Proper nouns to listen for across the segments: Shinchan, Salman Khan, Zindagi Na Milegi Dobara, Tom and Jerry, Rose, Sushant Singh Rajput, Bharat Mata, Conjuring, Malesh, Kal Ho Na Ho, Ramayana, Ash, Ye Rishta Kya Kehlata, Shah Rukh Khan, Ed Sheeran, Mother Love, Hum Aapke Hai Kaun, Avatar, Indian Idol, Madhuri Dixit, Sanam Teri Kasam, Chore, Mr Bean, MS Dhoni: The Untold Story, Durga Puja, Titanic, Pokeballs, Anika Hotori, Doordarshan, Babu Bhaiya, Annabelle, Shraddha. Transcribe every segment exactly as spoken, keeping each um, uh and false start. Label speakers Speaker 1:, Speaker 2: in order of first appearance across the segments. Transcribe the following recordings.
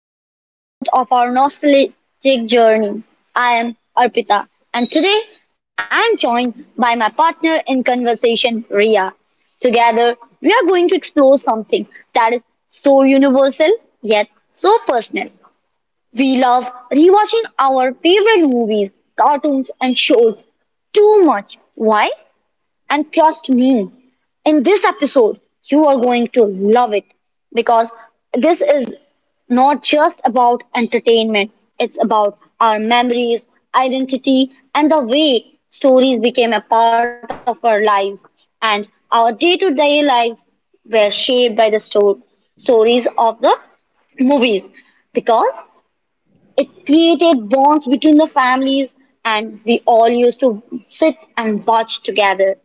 Speaker 1: another episode of our nostalgic journey. I am Arpita, and today I am joined by my partner in conversation, Ria. Together, we are going to explore something that is so universal yet so personal. We love rewatching our favorite movies, cartoons, and shows too much. Why? And trust me, in this episode, you are going to love it because this is not just about entertainment, it's about our memories, identity, and the way stories became a part of our lives and our day to day lives were shaped by the sto- stories of the movies because it created bonds between the families and we all used to sit and watch together.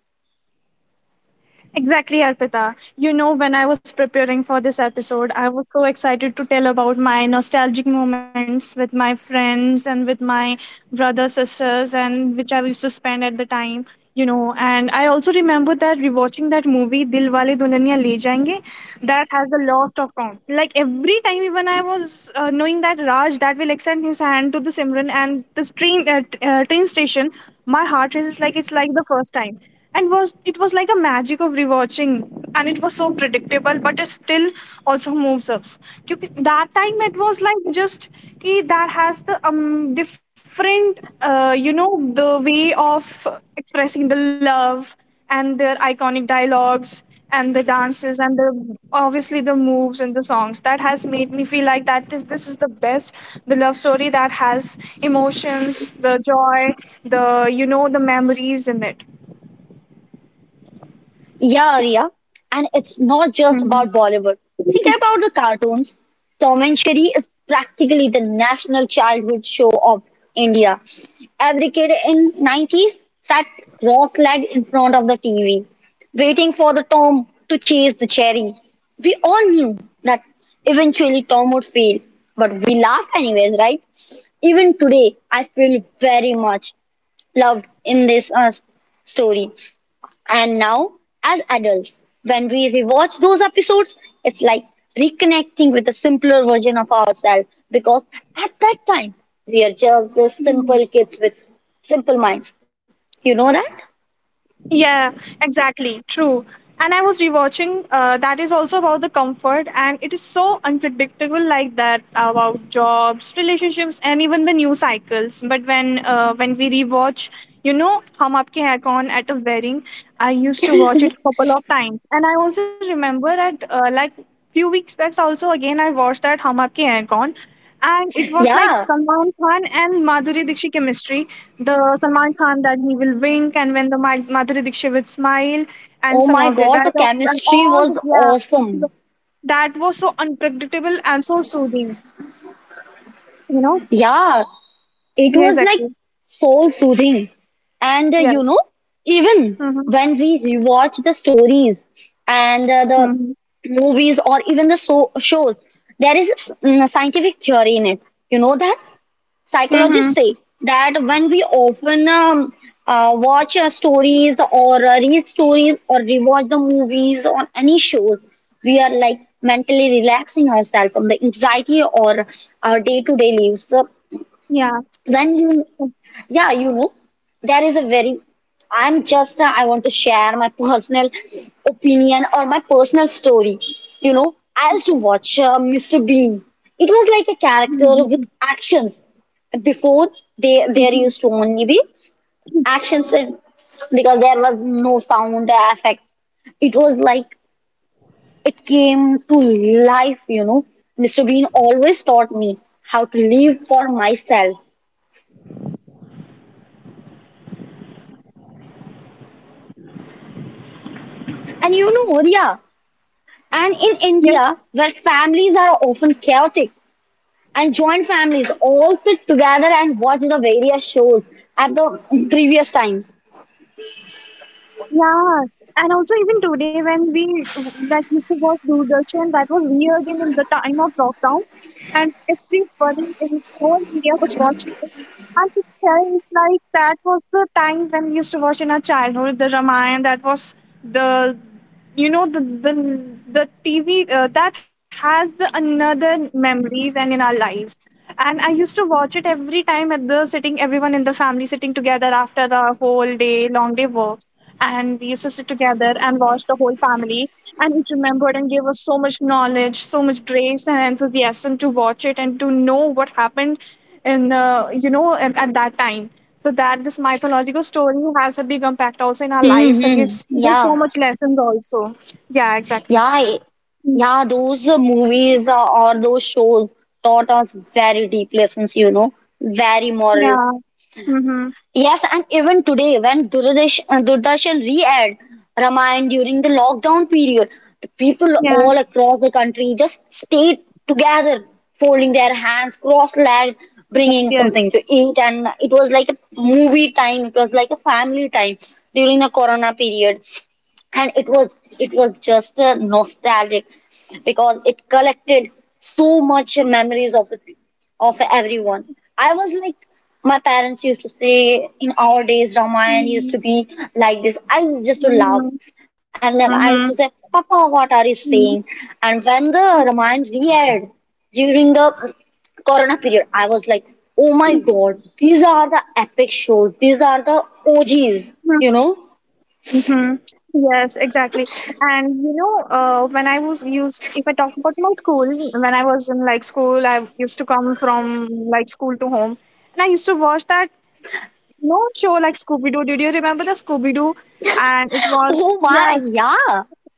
Speaker 2: Exactly, Arpita. You know, when I was preparing for this episode, I was so excited to tell about my nostalgic moments with my friends and with my brothers, sisters, and which I used to spend at the time, you know. And I also remember that rewatching that movie, Dil Wale Dulhania Le Jayenge, that has a lost of count. Like every time, even I was uh, knowing that Raj, that will extend his hand to the Simran and the train, uh, t- uh, train station, my heart races like it's like the first time and was it was like a magic of rewatching, and it was so predictable but it still also moves us. क्योंकि that time it was like just कि that has the um different uh, you know the way of expressing the love and their iconic dialogues and the dances and the obviously the moves and the songs, that has made me feel like that this this is the best, the love story that has emotions, the joy, the you know the memories in it.
Speaker 1: Yeah, Arya, and it's not just
Speaker 2: Hmm.
Speaker 1: about Bollywood. Think about the cartoons. Tom and Jerry is practically the national childhood show of India. Every kid in nineties sat cross-legged in front of the T V, waiting for the Tom to chase the cherry. We all knew that eventually Tom would fail, but we laughed anyways, right? Even today, I feel very much loved in this uh, story. And now, as adults, when we rewatch those episodes, it's like reconnecting with a simpler version of ourselves because at that time, we are just these simple kids with simple minds. You know that?
Speaker 2: Yeah, exactly. True. And I was rewatching. Uh, that is also about the comfort, and it is so unpredictable, like that about jobs, relationships, and even the news cycles. But when uh, when we rewatch, you know, Hum Aapke Hai Kaun at a wedding, I used to watch it a couple of times, and I also remember that uh, like few weeks back. Also, again, I watched that Hum Aapke Hai Kaun, and it was like
Speaker 1: Yeah.
Speaker 2: Salman Khan and Madhuri Dixit chemistry. The Salman Khan, that he will wink, and when the Ma- Madhuri Dixit will smile, and
Speaker 1: Oh
Speaker 2: some
Speaker 1: my
Speaker 2: of their
Speaker 1: god, the
Speaker 2: dialogues and
Speaker 1: chemistry
Speaker 2: all
Speaker 1: was
Speaker 2: the, yeah,
Speaker 1: awesome.
Speaker 2: that was so unpredictable and so soothing. You know?
Speaker 1: Yeah. It
Speaker 2: Yeah,
Speaker 1: was like
Speaker 2: exactly.
Speaker 1: soul soothing. And uh, you know,
Speaker 2: Yes.
Speaker 1: even
Speaker 2: Mm-hmm.
Speaker 1: when we rewatch the stories and uh, the
Speaker 2: Mm-hmm.
Speaker 1: movies or even the so- shows, there is mm, a scientific theory in it. You know that
Speaker 2: Mm-hmm.
Speaker 1: psychologists say that when we often um, uh, watch uh, stories or uh, read stories or rewatch the movies or any shows, we are like mentally relaxing ourselves from the anxiety or our day to day lives. So
Speaker 2: Yeah.
Speaker 1: when you, yeah, you know there is a very, i'm just uh, I want to share my personal opinion or my personal story. You know, I used to watch uh, Mr. Bean. It was like a character with actions before. They There used to only be actions, and because there was no sound effects, it was like it came to life, you know. Mr. Bean always taught me how to live for myself, and you know, yeah. And in India,
Speaker 2: Yes.
Speaker 1: where families are often chaotic and joint families all sit together and watch the various shows at the previous times.
Speaker 2: Yes, and also even today, when we like used to watch Doordarshan, that was weird, in the time of lockdown, and everybody in whole India was watching it. I could tell, it's like that was the time when we used to watch in our childhood, the Ramayana. That was the you know the the the T V, uh, that has the another memories and in our lives. And I used to watch it every time, at the sitting, everyone in the family sitting together after the whole day, long day work, and we used to sit together and watch, the whole family, and it remembered and gave us so much knowledge, so much grace and enthusiasm to watch it and to know what happened in uh, you know at, at that time. So that this mythological story has a big impact also in our lives and
Speaker 1: Mm-hmm.
Speaker 2: gives gives so
Speaker 1: Yeah,
Speaker 2: much lessons also. Yeah, exactly.
Speaker 1: yeah, I-
Speaker 2: Mm,
Speaker 1: yeah. Those uh, movies uh, or those shows taught us very deep lessons, you know, very moral.
Speaker 2: yeah. Mm-hmm.
Speaker 1: Yes, and even today, when Durdash- uh, Doordarshan re-aired Ramayana during the lockdown period, the people all
Speaker 2: Yes,
Speaker 1: across the country just stayed together, folding their hands, cross-legged, bringing
Speaker 2: yes, yes.
Speaker 1: something to eat, and it was like a movie time. It was like a family time during the Corona period, and it was it was just a nostalgic because it collected so much memories of the of everyone. I was like, my parents used to say in our days Ramayan used
Speaker 2: Mm-hmm.
Speaker 1: to be like this. I used just to
Speaker 2: Mm-hmm.
Speaker 1: laugh, and then I used to say, Papa, what are you saying?
Speaker 2: Mm-hmm.
Speaker 1: And when the Ramayan re-aired during the Corona period, I was like, oh my God, these are the epic shows, these are the OGs, you know.
Speaker 2: Mm-hmm. Yes, exactly. And you know, uh, when I was used, if I talk about my school, when I was in like school, I used to come from like school to home, and I used to watch that you know show like Scooby Doo. Did you remember the Scooby Doo? And it was,
Speaker 1: Oh my,
Speaker 2: yes,
Speaker 1: yeah,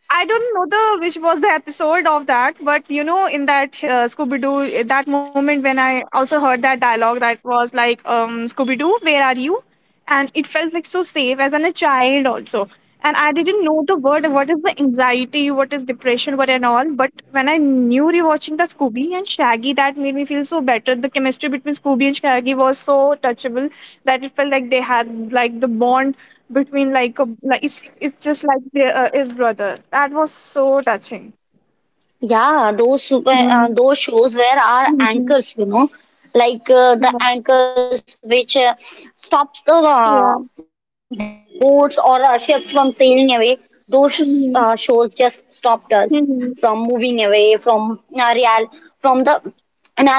Speaker 2: I don't know the which was the episode of that, but you know, in that uh, Scooby Doo, that moment when I also heard that dialogue, that was like, um, Scooby Doo, where are you? And it felt like so safe as an a child also, and I didn't know the word. What is the anxiety? What practice depression, but and all, but when I knew rewatching the Scooby and Shaggy, that made me feel so better. The chemistry between Scooby and Shaggy was so touchable, that it felt like they had like the bond between, like, a, like it's, it's just like the, uh, his brother, that was so touching.
Speaker 1: yeah. Those were
Speaker 2: Yeah.
Speaker 1: uh, those shows where our
Speaker 2: Mhm.
Speaker 1: anchors, you know, like uh, the
Speaker 2: Yes,
Speaker 1: anchors which uh, stops the uh,
Speaker 2: yeah.
Speaker 1: boats or uh, ships from sailing away. Those uh, shows just stopped
Speaker 2: Mhm.
Speaker 1: us from moving away
Speaker 2: Mhm.
Speaker 1: from uh, real, from the imaginative world.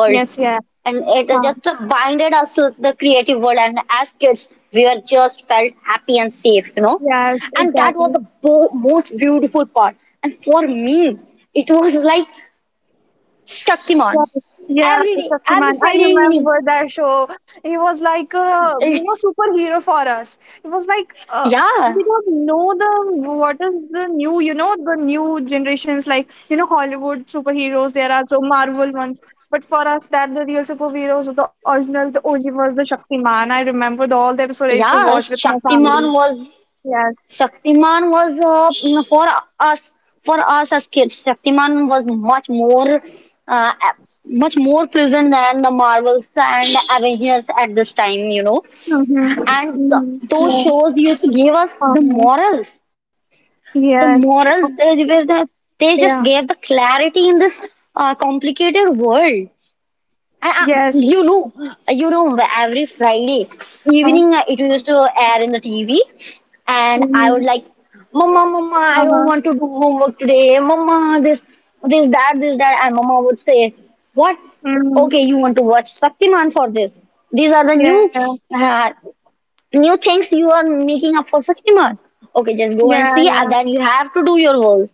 Speaker 1: And
Speaker 2: Yes,
Speaker 1: it uh,
Speaker 2: yeah.
Speaker 1: just uh,
Speaker 2: Huh.
Speaker 1: binded us to the creative world, and as kids we were just felt happy and safe, you know. And that
Speaker 2: Yes,
Speaker 1: was the
Speaker 2: exactly.
Speaker 1: bo- most beautiful part. And for me, it was like Shaktiman.
Speaker 2: Yes,
Speaker 1: Every
Speaker 2: yeah,
Speaker 1: day, every
Speaker 2: Shaktiman.
Speaker 1: Friday
Speaker 2: I
Speaker 1: evening,
Speaker 2: remember that show. He was like a you
Speaker 1: it.
Speaker 2: know superhero for us. It was like, uh,
Speaker 1: yeah
Speaker 2: we don't know the, what is the new you know the new generations like, you know Hollywood superheroes. There are so Marvel ones, but for us that the real superheroes, the original, the O G was the Shaktiman. I remember the, all the episodes I used to watch
Speaker 1: yeah
Speaker 2: with my family.
Speaker 1: shaktiman was
Speaker 2: Yes.
Speaker 1: Shaktiman was uh, mm, for us for us as kids. Shaktiman was much more uh, much more present than the Marvels and Avengers at this time, you know.
Speaker 2: Mm-hmm.
Speaker 1: And th-
Speaker 2: Mm-hmm.
Speaker 1: those
Speaker 2: Yeah.
Speaker 1: shows used to give us the
Speaker 2: Uh-huh.
Speaker 1: morals. The
Speaker 2: Yes.
Speaker 1: morals, they were the, they just
Speaker 2: Yeah.
Speaker 1: gave the clarity in this uh, complicated world. And uh,
Speaker 2: Yes.
Speaker 1: you know, uh, you know, every Friday
Speaker 2: Uh-huh.
Speaker 1: evening, uh, it used to air in the T V, and
Speaker 2: Mm-hmm.
Speaker 1: I would like, Mama, Mama, I
Speaker 2: Uh-huh.
Speaker 1: don't want to do homework today. Mama, this, this, that, this, that, and Mama would say, what?
Speaker 2: Mhm.
Speaker 1: Okay, you want to watch Shaktiman for this? These are the new,
Speaker 2: Yeah.
Speaker 1: uh, new things you are making up for Shaktiman. Okay, just go
Speaker 2: Yeah,
Speaker 1: and see, and
Speaker 2: yeah.
Speaker 1: then you have to do your work.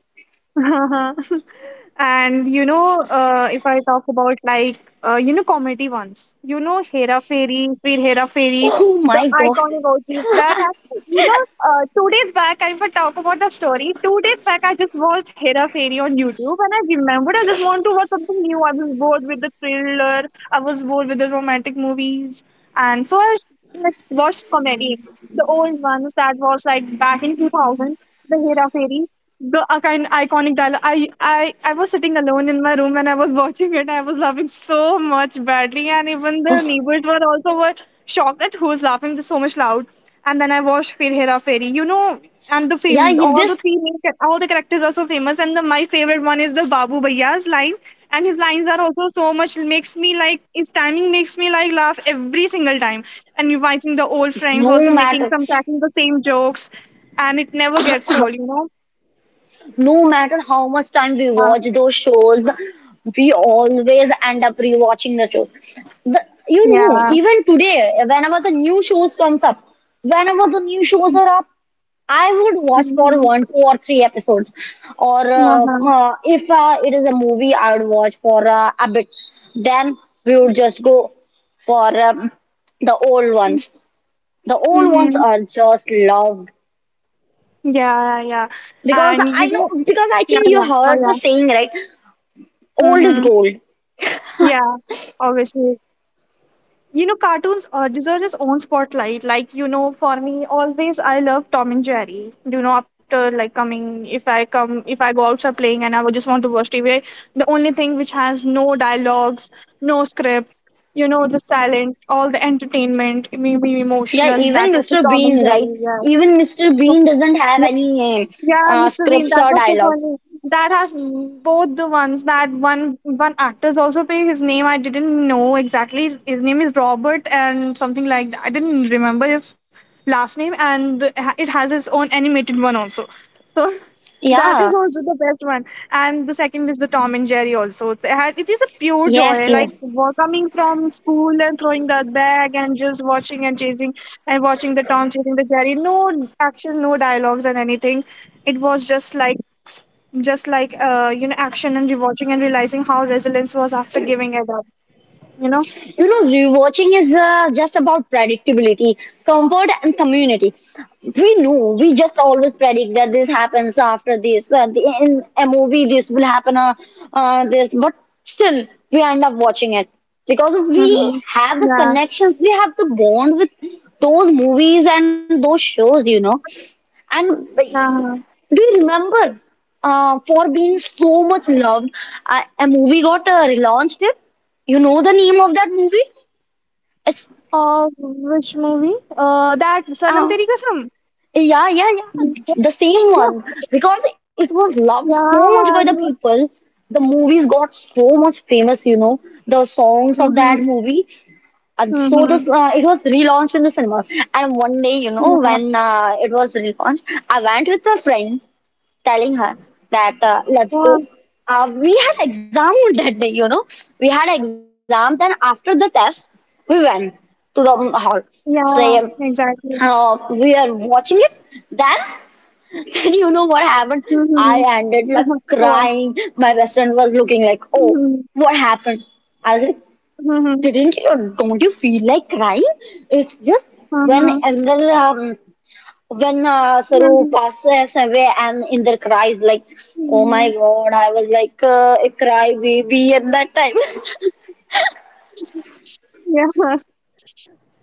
Speaker 2: And you know, uh, if I talk about like uh, you know comedy ones, you know Hera Fairy, Fir Hera Fairy,
Speaker 1: Oh
Speaker 2: the
Speaker 1: my God!
Speaker 2: iconic O Gs that have, you know uh, two days back, if I would talk about the story. Two days back I just watched Hera Fairy on YouTube, and I remembered I just want to watch something new. I was bored with the thriller, I was bored with the romantic movies, and so I s- let's watch comedy, the old ones, that was like back in two thousand, the Hera Fairy, the uh, kind iconic dialogue. I, I, I was sitting alone in my room and I was watching it. I was laughing so much badly, and even the neighbors were also were shocked at who's laughing this so much loud. And then I watched Fir Hera Fairy, you know, and the
Speaker 1: Yeah,
Speaker 2: fame,
Speaker 1: you-
Speaker 2: all the
Speaker 1: this
Speaker 2: three main, cha- all the characters are so famous. And the my favorite one is the Babu Bhaiya's line, and his lines are also so much, makes me like his timing makes me like laugh every single time. And revising the old friends,
Speaker 1: no
Speaker 2: also making
Speaker 1: matter.
Speaker 2: some, cracking the same jokes, and it never gets old, you know.
Speaker 1: No matter how much time we
Speaker 2: Uh,
Speaker 1: watch those shows, we always end up rewatching the shows. The, you know,
Speaker 2: Yeah.
Speaker 1: Even today, whenever the new shows comes up, whenever the new shows are up, I would watch for
Speaker 2: Mhm.
Speaker 1: one, two, or three episodes. Or, uh,
Speaker 2: Uh-huh.
Speaker 1: uh, if uh, it is a movie, I would watch for uh, a bit. Then we would just go for um, the old ones. The old ones
Speaker 2: Mhm.
Speaker 1: are just loved
Speaker 2: Yeah, yeah, yeah.
Speaker 1: because
Speaker 2: And
Speaker 1: I
Speaker 2: you
Speaker 1: know
Speaker 2: know,
Speaker 1: because I
Speaker 2: yeah,
Speaker 1: think you
Speaker 2: yeah. Oh,
Speaker 1: heard the
Speaker 2: yeah.
Speaker 1: saying, right. Old is
Speaker 2: Mhm.
Speaker 1: gold.
Speaker 2: Yeah. Obviously. You know, cartoons uh, deserve its own spotlight. Like, you know, for me, always I love Tom and Jerry. You know, after like coming, if I come, if I go outside playing, and I would just want to watch T V, the only thing which has no dialogues, no script, you know, the silent, all the entertainment, maybe
Speaker 1: Yeah,
Speaker 2: emotional,
Speaker 1: even
Speaker 2: that was the
Speaker 1: Mister
Speaker 2: Tom and
Speaker 1: Bean, right?
Speaker 2: Jerry.
Speaker 1: Even Mister Bean doesn't have
Speaker 2: Yeah.
Speaker 1: any
Speaker 2: Yeah,
Speaker 1: uh,
Speaker 2: Mister Bean,
Speaker 1: scripts
Speaker 2: that
Speaker 1: or
Speaker 2: was so
Speaker 1: dialogue.
Speaker 2: funny. That has both the ones, that one one actor's also playing his name. I didn't know exactly. His name is Robert and something like that. I didn't remember his last name, and the- it has its own animated one also. So that
Speaker 1: Yeah,
Speaker 2: is also the best one. And the second is the Tom and Jerry also. It had- it is a pure
Speaker 1: yes,
Speaker 2: joy,
Speaker 1: yes.
Speaker 2: like wa- coming from school and throwing that bag and just watching and chasing, and watching the Tom chasing the Jerry. No action, no dialogues and anything. It was just like just like uh, you know action and rewatching and realizing how resilience was after giving it up. You know.
Speaker 1: You know, rewatching is uh, just about predictability, comfort, and community. We know, we just always predict that this happens after this, uh, the, in a movie, this will happen, uh, uh, this, but still, we end up watching it because we
Speaker 2: Hmm.
Speaker 1: have the
Speaker 2: Yeah.
Speaker 1: connections, we have the bond with those movies and those shows, you know. And wait,
Speaker 2: Uh-huh.
Speaker 1: do you remember? Uh, for being so much loved, uh, a movie got uh, relaunched. It. You know the name of that movie? It's,
Speaker 2: Uh, which movie? Uh, that Sanam
Speaker 1: uh,
Speaker 2: Teri Kasam.
Speaker 1: yeah, yeah, yeah, the same one. Because it was loved
Speaker 2: Yeah.
Speaker 1: so much by the
Speaker 2: Yeah.
Speaker 1: people, the movies got so much famous. You know the songs of that
Speaker 2: Mhm.
Speaker 1: movie. And so this
Speaker 2: Mhm.
Speaker 1: uh, it was relaunched in the cinema. And one day, you know,
Speaker 2: Yeah.
Speaker 1: when uh, it was relaunched, I went with a friend telling her that, uh, let's
Speaker 2: Yeah.
Speaker 1: go. Uh, we had exam that day, you know. We had exam. Then after the test, we went to the um,
Speaker 2: Yeah.
Speaker 1: hall.
Speaker 2: Exactly.
Speaker 1: So uh, we are watching it. Then, then you know what
Speaker 2: Mhm.
Speaker 1: happened?
Speaker 2: Mhm.
Speaker 1: I
Speaker 2: Of
Speaker 1: ended
Speaker 2: course.
Speaker 1: like crying. My best friend was looking like,
Speaker 2: Mhm.
Speaker 1: oh, what happened? I was like,
Speaker 2: Mhm.
Speaker 1: didn't you? Don't you feel like crying? It's just when
Speaker 2: Mhm.
Speaker 1: another when uh,
Speaker 2: Mhm.
Speaker 1: Saru passes away and Indra cries like, "Oh my
Speaker 2: Mhm.
Speaker 1: God!" I was like uh, a cry baby at that time.
Speaker 2: Yeah.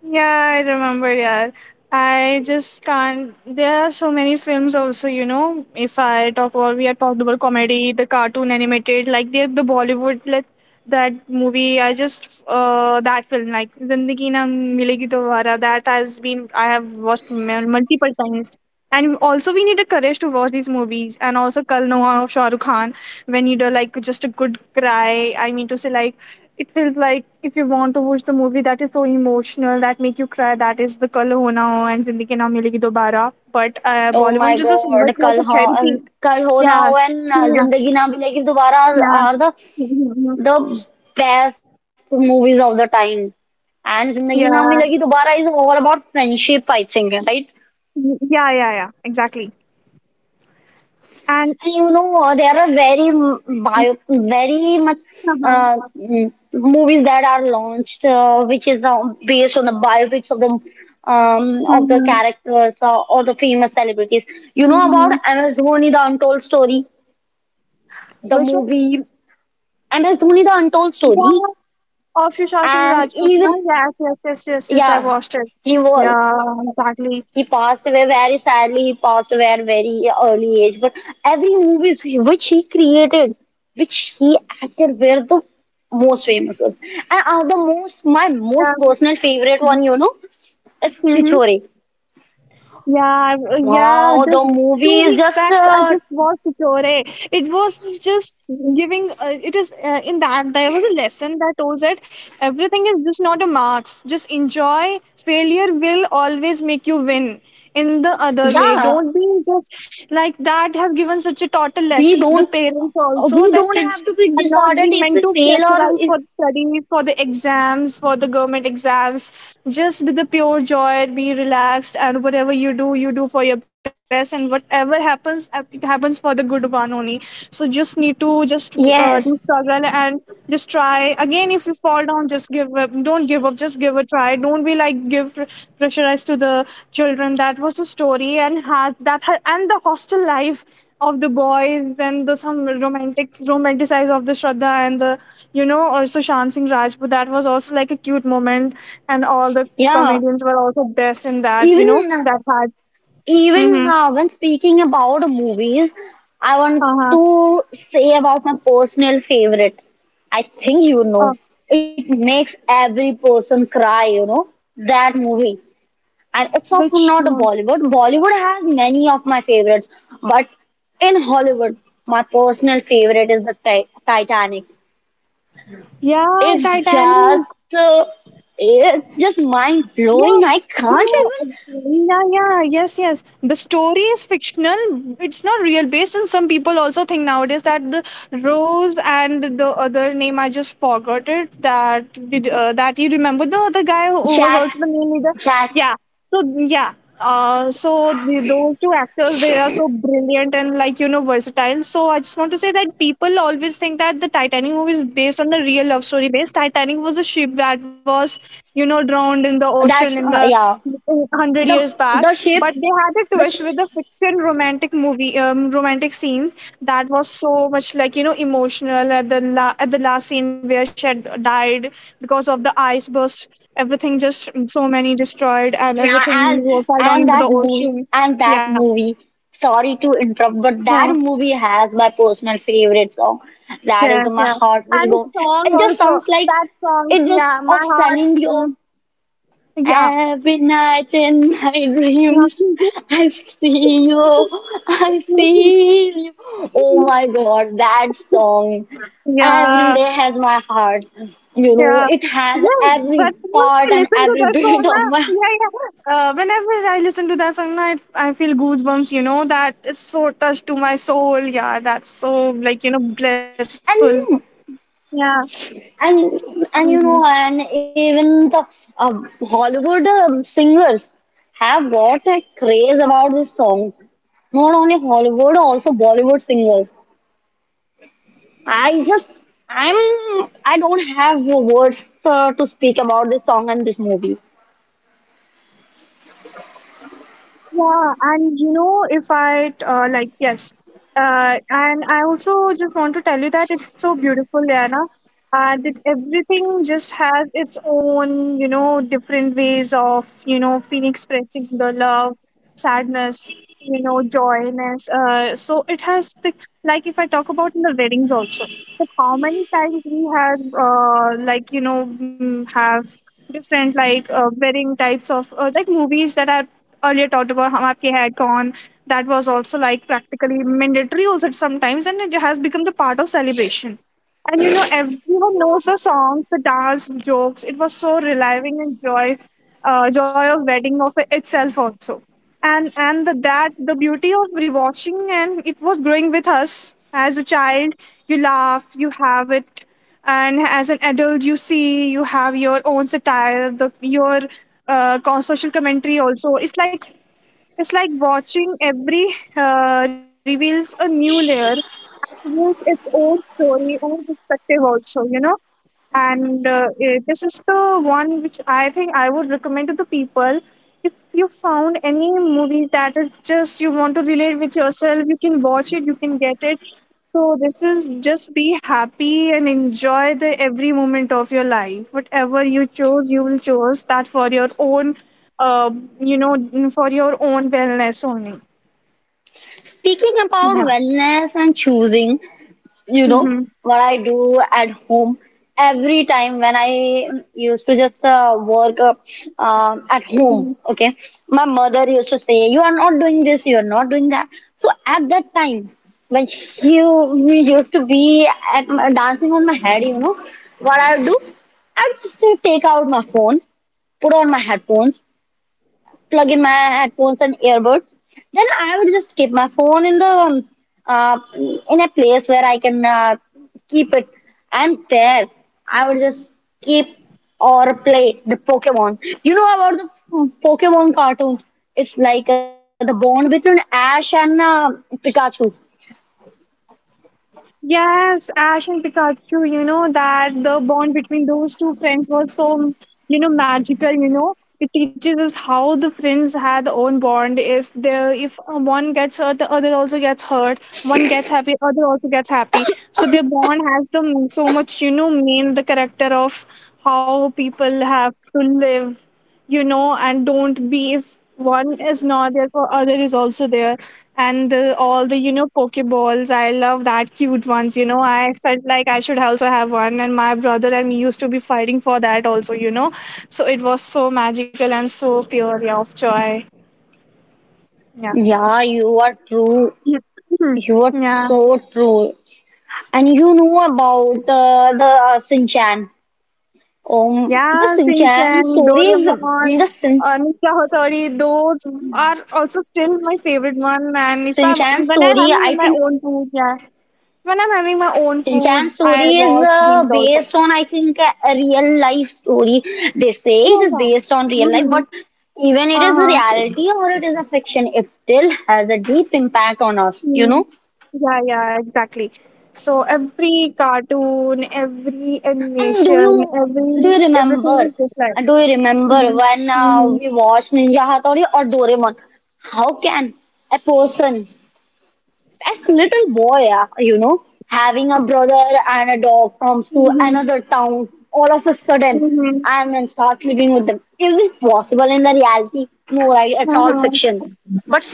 Speaker 2: Yeah, I remember, yeah. I just can't. There are so many films also, you know. If I talk about, we have talked about comedy, the cartoon animated, like the, the Bollywood, like that movie. I just, uh, that film, like Zindagi Na Milegi Dobara, that has been, I have watched mul- multiple times. And also, we need a courage to watch these movies. And also, Kal Noah of Shah Rukh Khan, we need a like just a good cry. I mean to say, like, it feels like if you want to watch the movie that is so emotional that make you cry, that is the Kal Ho Na Ho and Zindagi Na Milegi Dobara. But uh,
Speaker 1: Oh my
Speaker 2: Bollywood just is
Speaker 1: God!
Speaker 2: it's like
Speaker 1: कल
Speaker 2: a
Speaker 1: हो
Speaker 2: therapy.
Speaker 1: कल हो ना हो
Speaker 2: Yes.
Speaker 1: and uh,
Speaker 2: Yeah.
Speaker 1: जिंदगी ना मिलेगी दोबारा
Speaker 2: Yeah.
Speaker 1: are the
Speaker 2: Mhm.
Speaker 1: the best movies of the time. And जिंदगी ना
Speaker 2: Yeah.
Speaker 1: मिलेगी दोबारा is all about friendship, I think, right?
Speaker 2: Yeah. Yeah. Yeah. Exactly. And.
Speaker 1: And you know, there are very m- bio, very much
Speaker 2: Uh-huh.
Speaker 1: uh, mm, movies that are launched, uh, which is now based on the biopics of the um, of the
Speaker 2: Mhm.
Speaker 1: characters uh, or the famous celebrities. You know about
Speaker 2: Mhm.
Speaker 1: M S Dhoni, The Untold Story, the
Speaker 2: Which one?
Speaker 1: movie M S Dhoni, The Untold
Speaker 2: Yeah,
Speaker 1: Story,
Speaker 2: of Sushant Singh
Speaker 1: and
Speaker 2: Rajput, na?
Speaker 1: even,
Speaker 2: Yes, yes, yes, yes, yes. I
Speaker 1: yeah,
Speaker 2: watched it.
Speaker 1: he was
Speaker 2: Yeah, exactly.
Speaker 1: he passed away very sadly. He passed away at very early age. But every movie which he created, which he acted, were the most famous ones. And are the most my most
Speaker 2: Yeah,
Speaker 1: personal favorite one, you know, is
Speaker 2: mm-hmm.
Speaker 1: Chichore.
Speaker 2: Yeah, I-
Speaker 1: Wow,
Speaker 2: yeah.
Speaker 1: the
Speaker 2: Just
Speaker 1: movie
Speaker 2: two
Speaker 1: is
Speaker 2: weeks
Speaker 1: just
Speaker 2: back, I
Speaker 1: uh,
Speaker 2: just watched Chore. It was just giving. Uh, it is, uh, in that there was a lesson, that was it. Everything is just not a marks, just enjoy, failure will always make you win in the other way,
Speaker 1: yeah.
Speaker 2: don't be just like that has given such a total
Speaker 1: We
Speaker 2: lesson to the
Speaker 1: don't
Speaker 2: parents also
Speaker 1: we
Speaker 2: that
Speaker 1: don't
Speaker 2: kids
Speaker 1: have to be
Speaker 2: are not
Speaker 1: disheartened
Speaker 2: being
Speaker 1: if
Speaker 2: meant
Speaker 1: we
Speaker 2: to
Speaker 1: fail or
Speaker 2: pressurize
Speaker 1: if
Speaker 2: for the studies, for the exams, for the government exams, just with the pure joy be relaxed and whatever you do you do for your best and whatever happens it happens for the good one only. So just need to just
Speaker 1: yes,
Speaker 2: uh, do struggle and just try again if you fall down, just give up, don't give up, just give a try, don't be like give pr- pressurize to the children. That was the story, and had that ha- and the hostel life of the boys, and the some romantic romanticize of the Shraddha and the you know also Shan Singh Rajput, that was also like a cute moment. And all the
Speaker 1: yeah.
Speaker 2: comedians were also best in that, you know,
Speaker 1: even.
Speaker 2: that had
Speaker 1: Even
Speaker 2: mm-hmm,
Speaker 1: uh, when speaking about movies, I want
Speaker 2: uh-huh.
Speaker 1: to say about my personal favorite. I think you
Speaker 2: Uh,
Speaker 1: know. It makes every person cry, you know, that movie. And it's of
Speaker 2: which
Speaker 1: not a
Speaker 2: one?
Speaker 1: Bollywood. Bollywood has many of my favorites, but in Hollywood, my personal favorite is the Ti- Titanic.
Speaker 2: Yeah,
Speaker 1: It's
Speaker 2: Titanic.
Speaker 1: just, uh, it's just mind
Speaker 2: Yeah,
Speaker 1: blowing. I
Speaker 2: you
Speaker 1: can't
Speaker 2: know,
Speaker 1: even
Speaker 2: uh, yeah, yeah, yes, yes. The story is fictional. It's not real based, and some people also think nowadays that the Rose and the other name, I just forgot it. That did uh, that, you remember the other guy who was also the main leader? Yeah. So yeah, uh, so the, those two actors, they are so brilliant and like you know versatile, so I just want to say that people always think that the Titanic movie is based on a real love story. Based Titanic was a ship that was you know drowned in the ocean in the one hundred years back, but they had a twist with a fiction romantic movie, um, romantic scene that was so much like you know emotional at the la- at the last scene where she had died because of the ice burst. Everything just so many destroyed and everything wa- fell down into the ocean. Yeah, yeah, yes, yeah. And its song also, that song, yeah, my heart, mm, yeah. Yeah, yeah. Yeah, yeah, but once I listen to that song, na, yeah, yeah. Uh, whenever I listen to that song, na, it, I feel goosebumps, you know, that is so touched to my soul. Yeah, that's so, like, you know, blissful. Yeah. Mm-hmm. Yeah, and you know, if I uh, like, yes. Uh, and I also just want to tell you that it's so beautiful, Rihanna, and it, everything just has its own you know different ways of you know feeling expressing the love, sadness, you know, joyness, uh, so it has the, like if I talk about in the weddings also, like how many times we have uh, like you know mm, have different like uh, wedding types of uh, like movies that I earlier talked about Hum Aapke had gone, that was also like practically mandatory also sometimes, and it has become the part of celebration. And you know, everyone knows the songs, the dance, the jokes. It was so reliving and joy, uh, joy of wedding of itself also. And and the, that the beauty of rewatching, and it was growing with us as a child. You laugh, you have it, and as an adult, you see you have your own satire, the your uh, con- social commentary also. It's like it's like watching every uh, reveals a new layer, reveals its own story, own perspective also, you know. And uh, eh, this is the one which I think I would recommend to the people. If you found any movie that is just you want to relate with yourself, you can watch it, you can get it. So this is just be happy and enjoy the every moment of your life, whatever you chose you will choose that for your own uh, you know, for your own wellness only. Yeah. Hmm. Yes, Ash and Pikachu, you know that the bond between those two friends was so, you know, magical, you know. It teaches us how the friends had their own bond. If the if uh, one gets hurt, the other also gets hurt. One gets happy, other also gets happy. So their bond has the so much, you know, main the character of how people have to live, you know, and don't be if one is not there, so other is also there. And the, all the, you know, Pokeballs, I love that cute ones, you know. I felt like I should also have one, and my brother and me used to be fighting for that also, you know. So it was so magical and so pure, yeah, of joy. Yeah. Yeah. Mhm. Yeah. Yeah, Shinchan, Doraemon, Anika Hotori, those are also still my favorite one. And if I even I have in my own food, yeah. When I'm having my own food, I watch these also. Yeah, yeah. Mm-hmm. Uh-huh. Mm. Yeah, yeah, exactly. So every cartoon, every animation, every everything is just like. Mm-hmm. Mm-hmm. Mm-hmm. Mm-hmm. Uh-huh.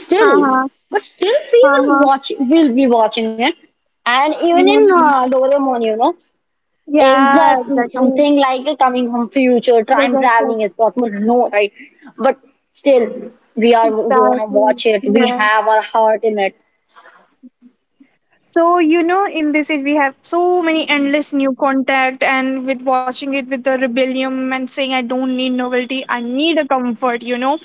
Speaker 2: Uh-huh. Uh-huh. Mm-hmm. Yeah, exactly. Yes, yes, yes. Exactly. Yes. So you know, in this age, we have so many endless new contact, and with watching it with the rebellion and saying, "I don't need novelty, I need a comfort," you know.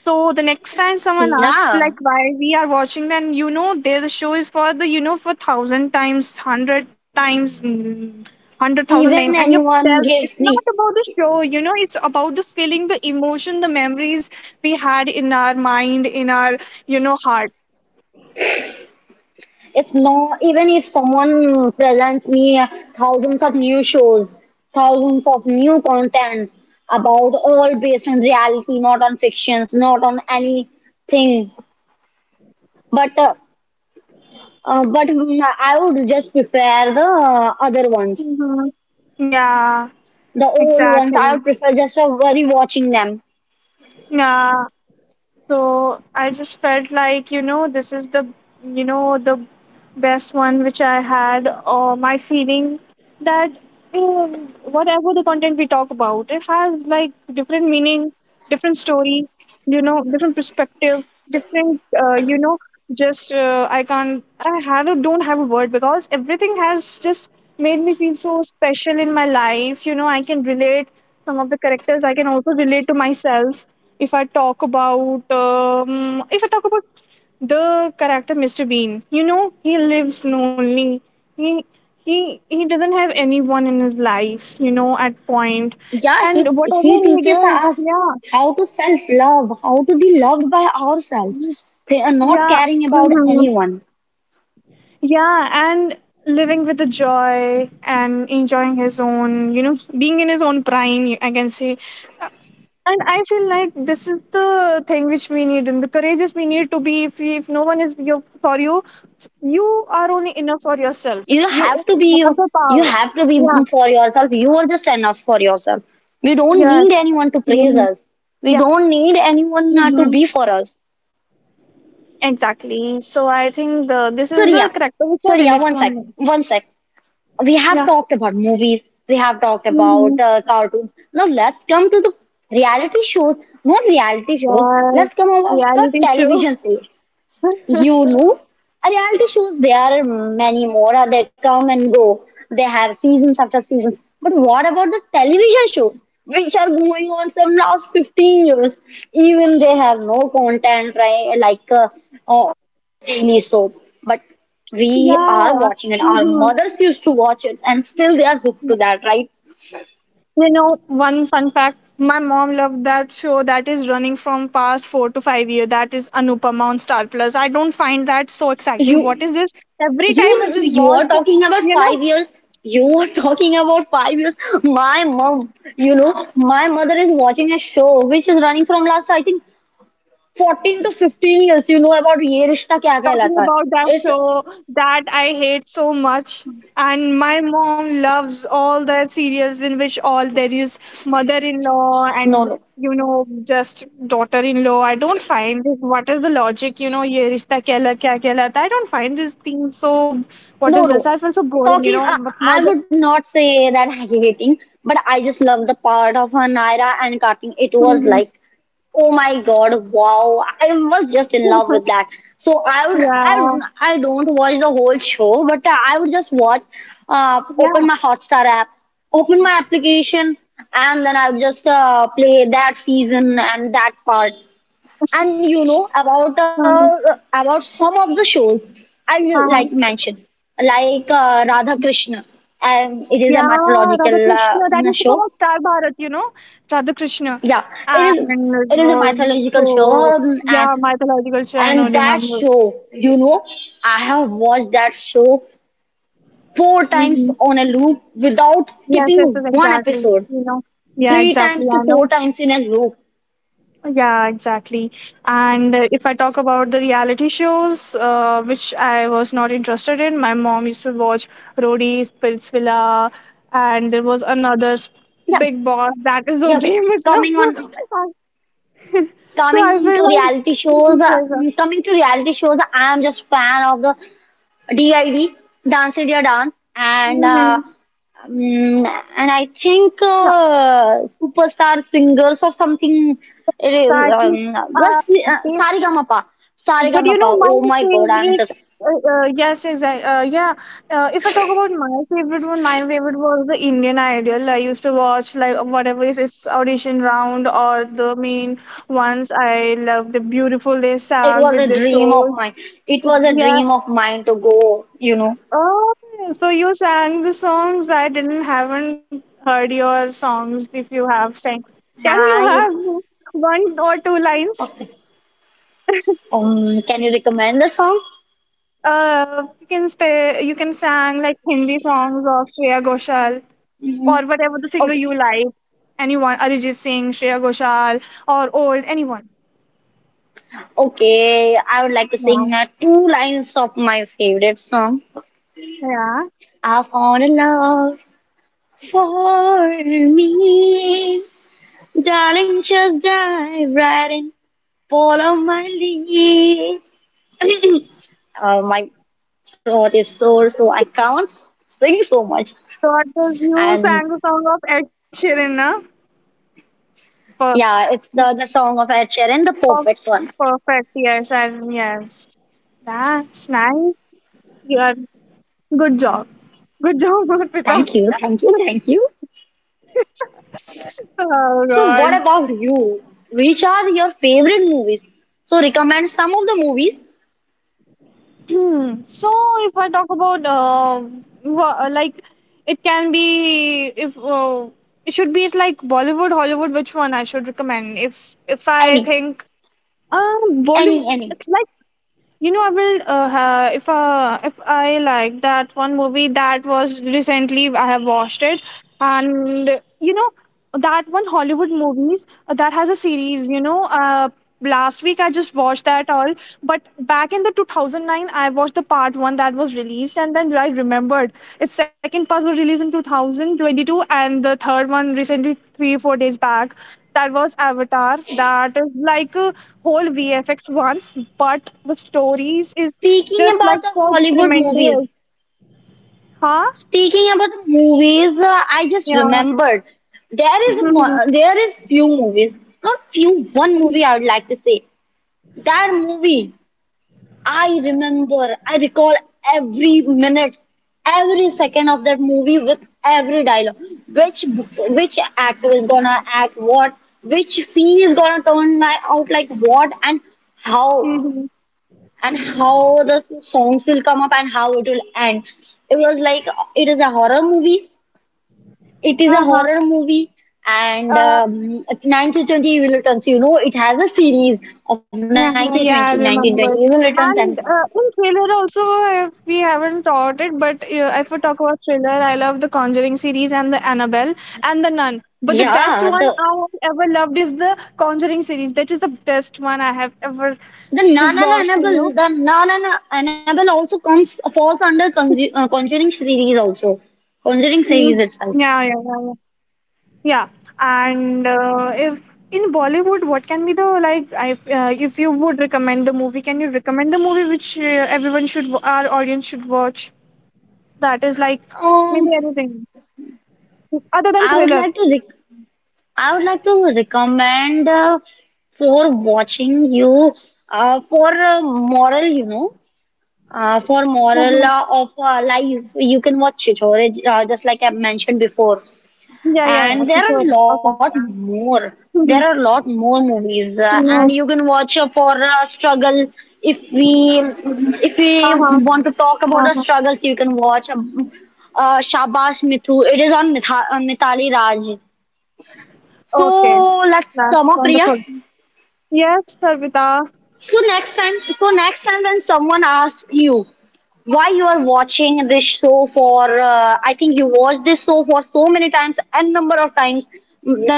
Speaker 2: So the next time someone asks, like, why we are watching, then you know, there the show is for the you know for thousand times, hundred times, mm, hundred thousand times, and you tell it's not about the show, you know, it's about the feeling, the emotion, the memories we had in our mind, in our you know heart. Mhm. Yeah, exactly. Yeah, so I just felt like, you know, this is the, you know, the best one which I had, or my feeling that um, whatever the content we talk about, it has like different meaning, different story, you know, different perspective, different, uh, you know, just uh, I can't I had a, don't have a word, because everything has just made me feel so special in my life, you know, I can relate some of the characters, I can also relate to myself. If i talk about um, if I talk about the character Mr. Bean, you know, he lives lonely, he he he doesn't have anyone in his life, you know, at point, and whatever he does, yeah, yeah, mm-hmm. Yeah, and living with the joy and enjoying his own, you know, being in his own prime, I can say. And I feel like this is the thing which we need, and the courageous we need to be. If, we, if no one is your, for you, you are only enough for yourself. You have the power. Yeah, yeah, hmm, yeah, hmm, exactly. So I think the this is the character which I relate to on this. Yeah, hmm, yeah, reality show. Yeah. Mm-hmm. You know, one fun fact, my mom loved that show that is running from past four to five years. That is Anupama on Star Plus. I don't find that so exciting. What is this? Every time I just watch, you know, talking about that show that I hate so much. And my mom loves all the serials in which all there is mother in law and you know just daughter in law. I don't find it. What is the logic? You know, ye rishta kya kya kya kehlata. I don't find this thing so. What is this? I feel so boring. You know, but mother. Yeah, yeah. Uh-huh. Yeah, Radha Krishna. That used to come on Star Bharat, you know, Radha Krishna. And it was so, yeah, mythological show, I know, remember. Mm-hmm. Yes, yes, yes, exactly. You know, yeah, exactly, I know. Yeah, exactly. And uh, if I talk about the reality shows, uh, which I was not interested in, my mom used to watch Rodi's, Pilz Villa, and there was another s- Big Boss, that is so famous now. So I feel like this is a- mhm, yeah, so actually, uh, basically, but you know, my favorite, uh, uh, yes, exactly. Uh, yeah, uh, if I talk about my favorite one, my favorite was the Indian Idol. I used to watch like whatever if it's audition round or the main ones. I love the beautiful they sang with their shows. Oh, so you sang the songs. I didn't haven't heard your songs if you have sang. Can you have one or two lines? uh, you can sp- you can sang like Hindi songs of Shreya Ghoshal, or whatever the singer you like. Anyone, Arijit Singh, Shreya Ghoshal, or old anyone. Yeah, yeah. So because you sang the song of Ed Sheeran, na? Per- per- perfect. Yes, I, yes. That's nice. You are. Good job. Good job, Pita. Oh God. Hmm. So if I talk about uh, wha- uh, like, it can be if uh, it should be like Bollywood, Hollywood. Which one I should recommend? If if I think um Bollywood, it's. You know, I will uh, ha- if uh, if I like that one movie that was recently I have watched it, and you know that one Hollywood movies uh, that has a series. You know, uh, last week I just watched that all, but back in the two thousand nine I watched the part one that was released, and then I remembered its second part was released in two thousand twenty two, and the third one recently three four days back, that was Avatar. That is like a whole V F X one, but the stories is just like so tremendous. Huh? Yeah. Mhm. Mhm. Uh-huh. Uh, yeah, yeah, I remember. And uh, in thriller also, uh, we haven't talked it, but uh, if we talk about thriller, I love the Conjuring series and the Annabelle and the Nun. But the best one I have ever loved is the Conjuring series. That is the best one I have ever just watched, you know. Mm. Yeah, yeah, yeah, yeah. Yeah, and uh, if in Bollywood, what can be the like? If uh, if you would recommend the movie, can you recommend the movie which uh, everyone should, wa- our audience should watch? That is like maybe anything other than thriller. Mhm. Yeah, yeah, yeah. It's sure. Okay. Mm-hmm. Yes. Uh-huh. Uh-huh. Okay. That's wonderful. Yes, Sarvita.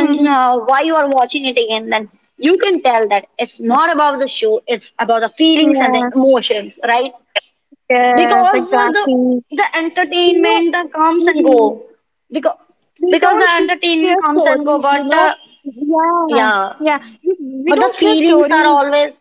Speaker 2: Mm-hmm. Yes. Yes. Exactly. You know. Mm-hmm. We don't share stories, you know. Yeah. Yeah we, we don't share stories,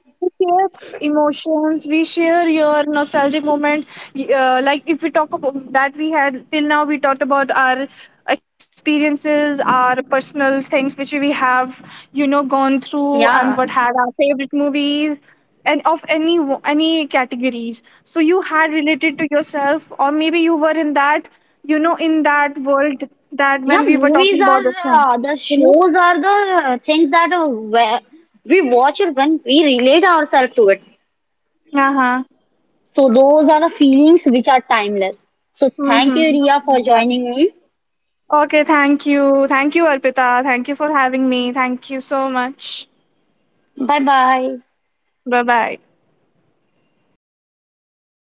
Speaker 2: we share emotions, we share your nostalgic moment. Y- uh, like if we talk about that we had till now, we talked about our experiences, our personal things which we have you know gone through, and what had our favorite movies, and of any wo- any categories. So you had related to yourself, or maybe you were in that, you know, in that world, that when we were talking about this thing, you know. Uh-huh. Mm-hmm. Exactly. Okay, thank you. Thank you, Arpita. Thank you for having me. Thank you so much. Bye bye.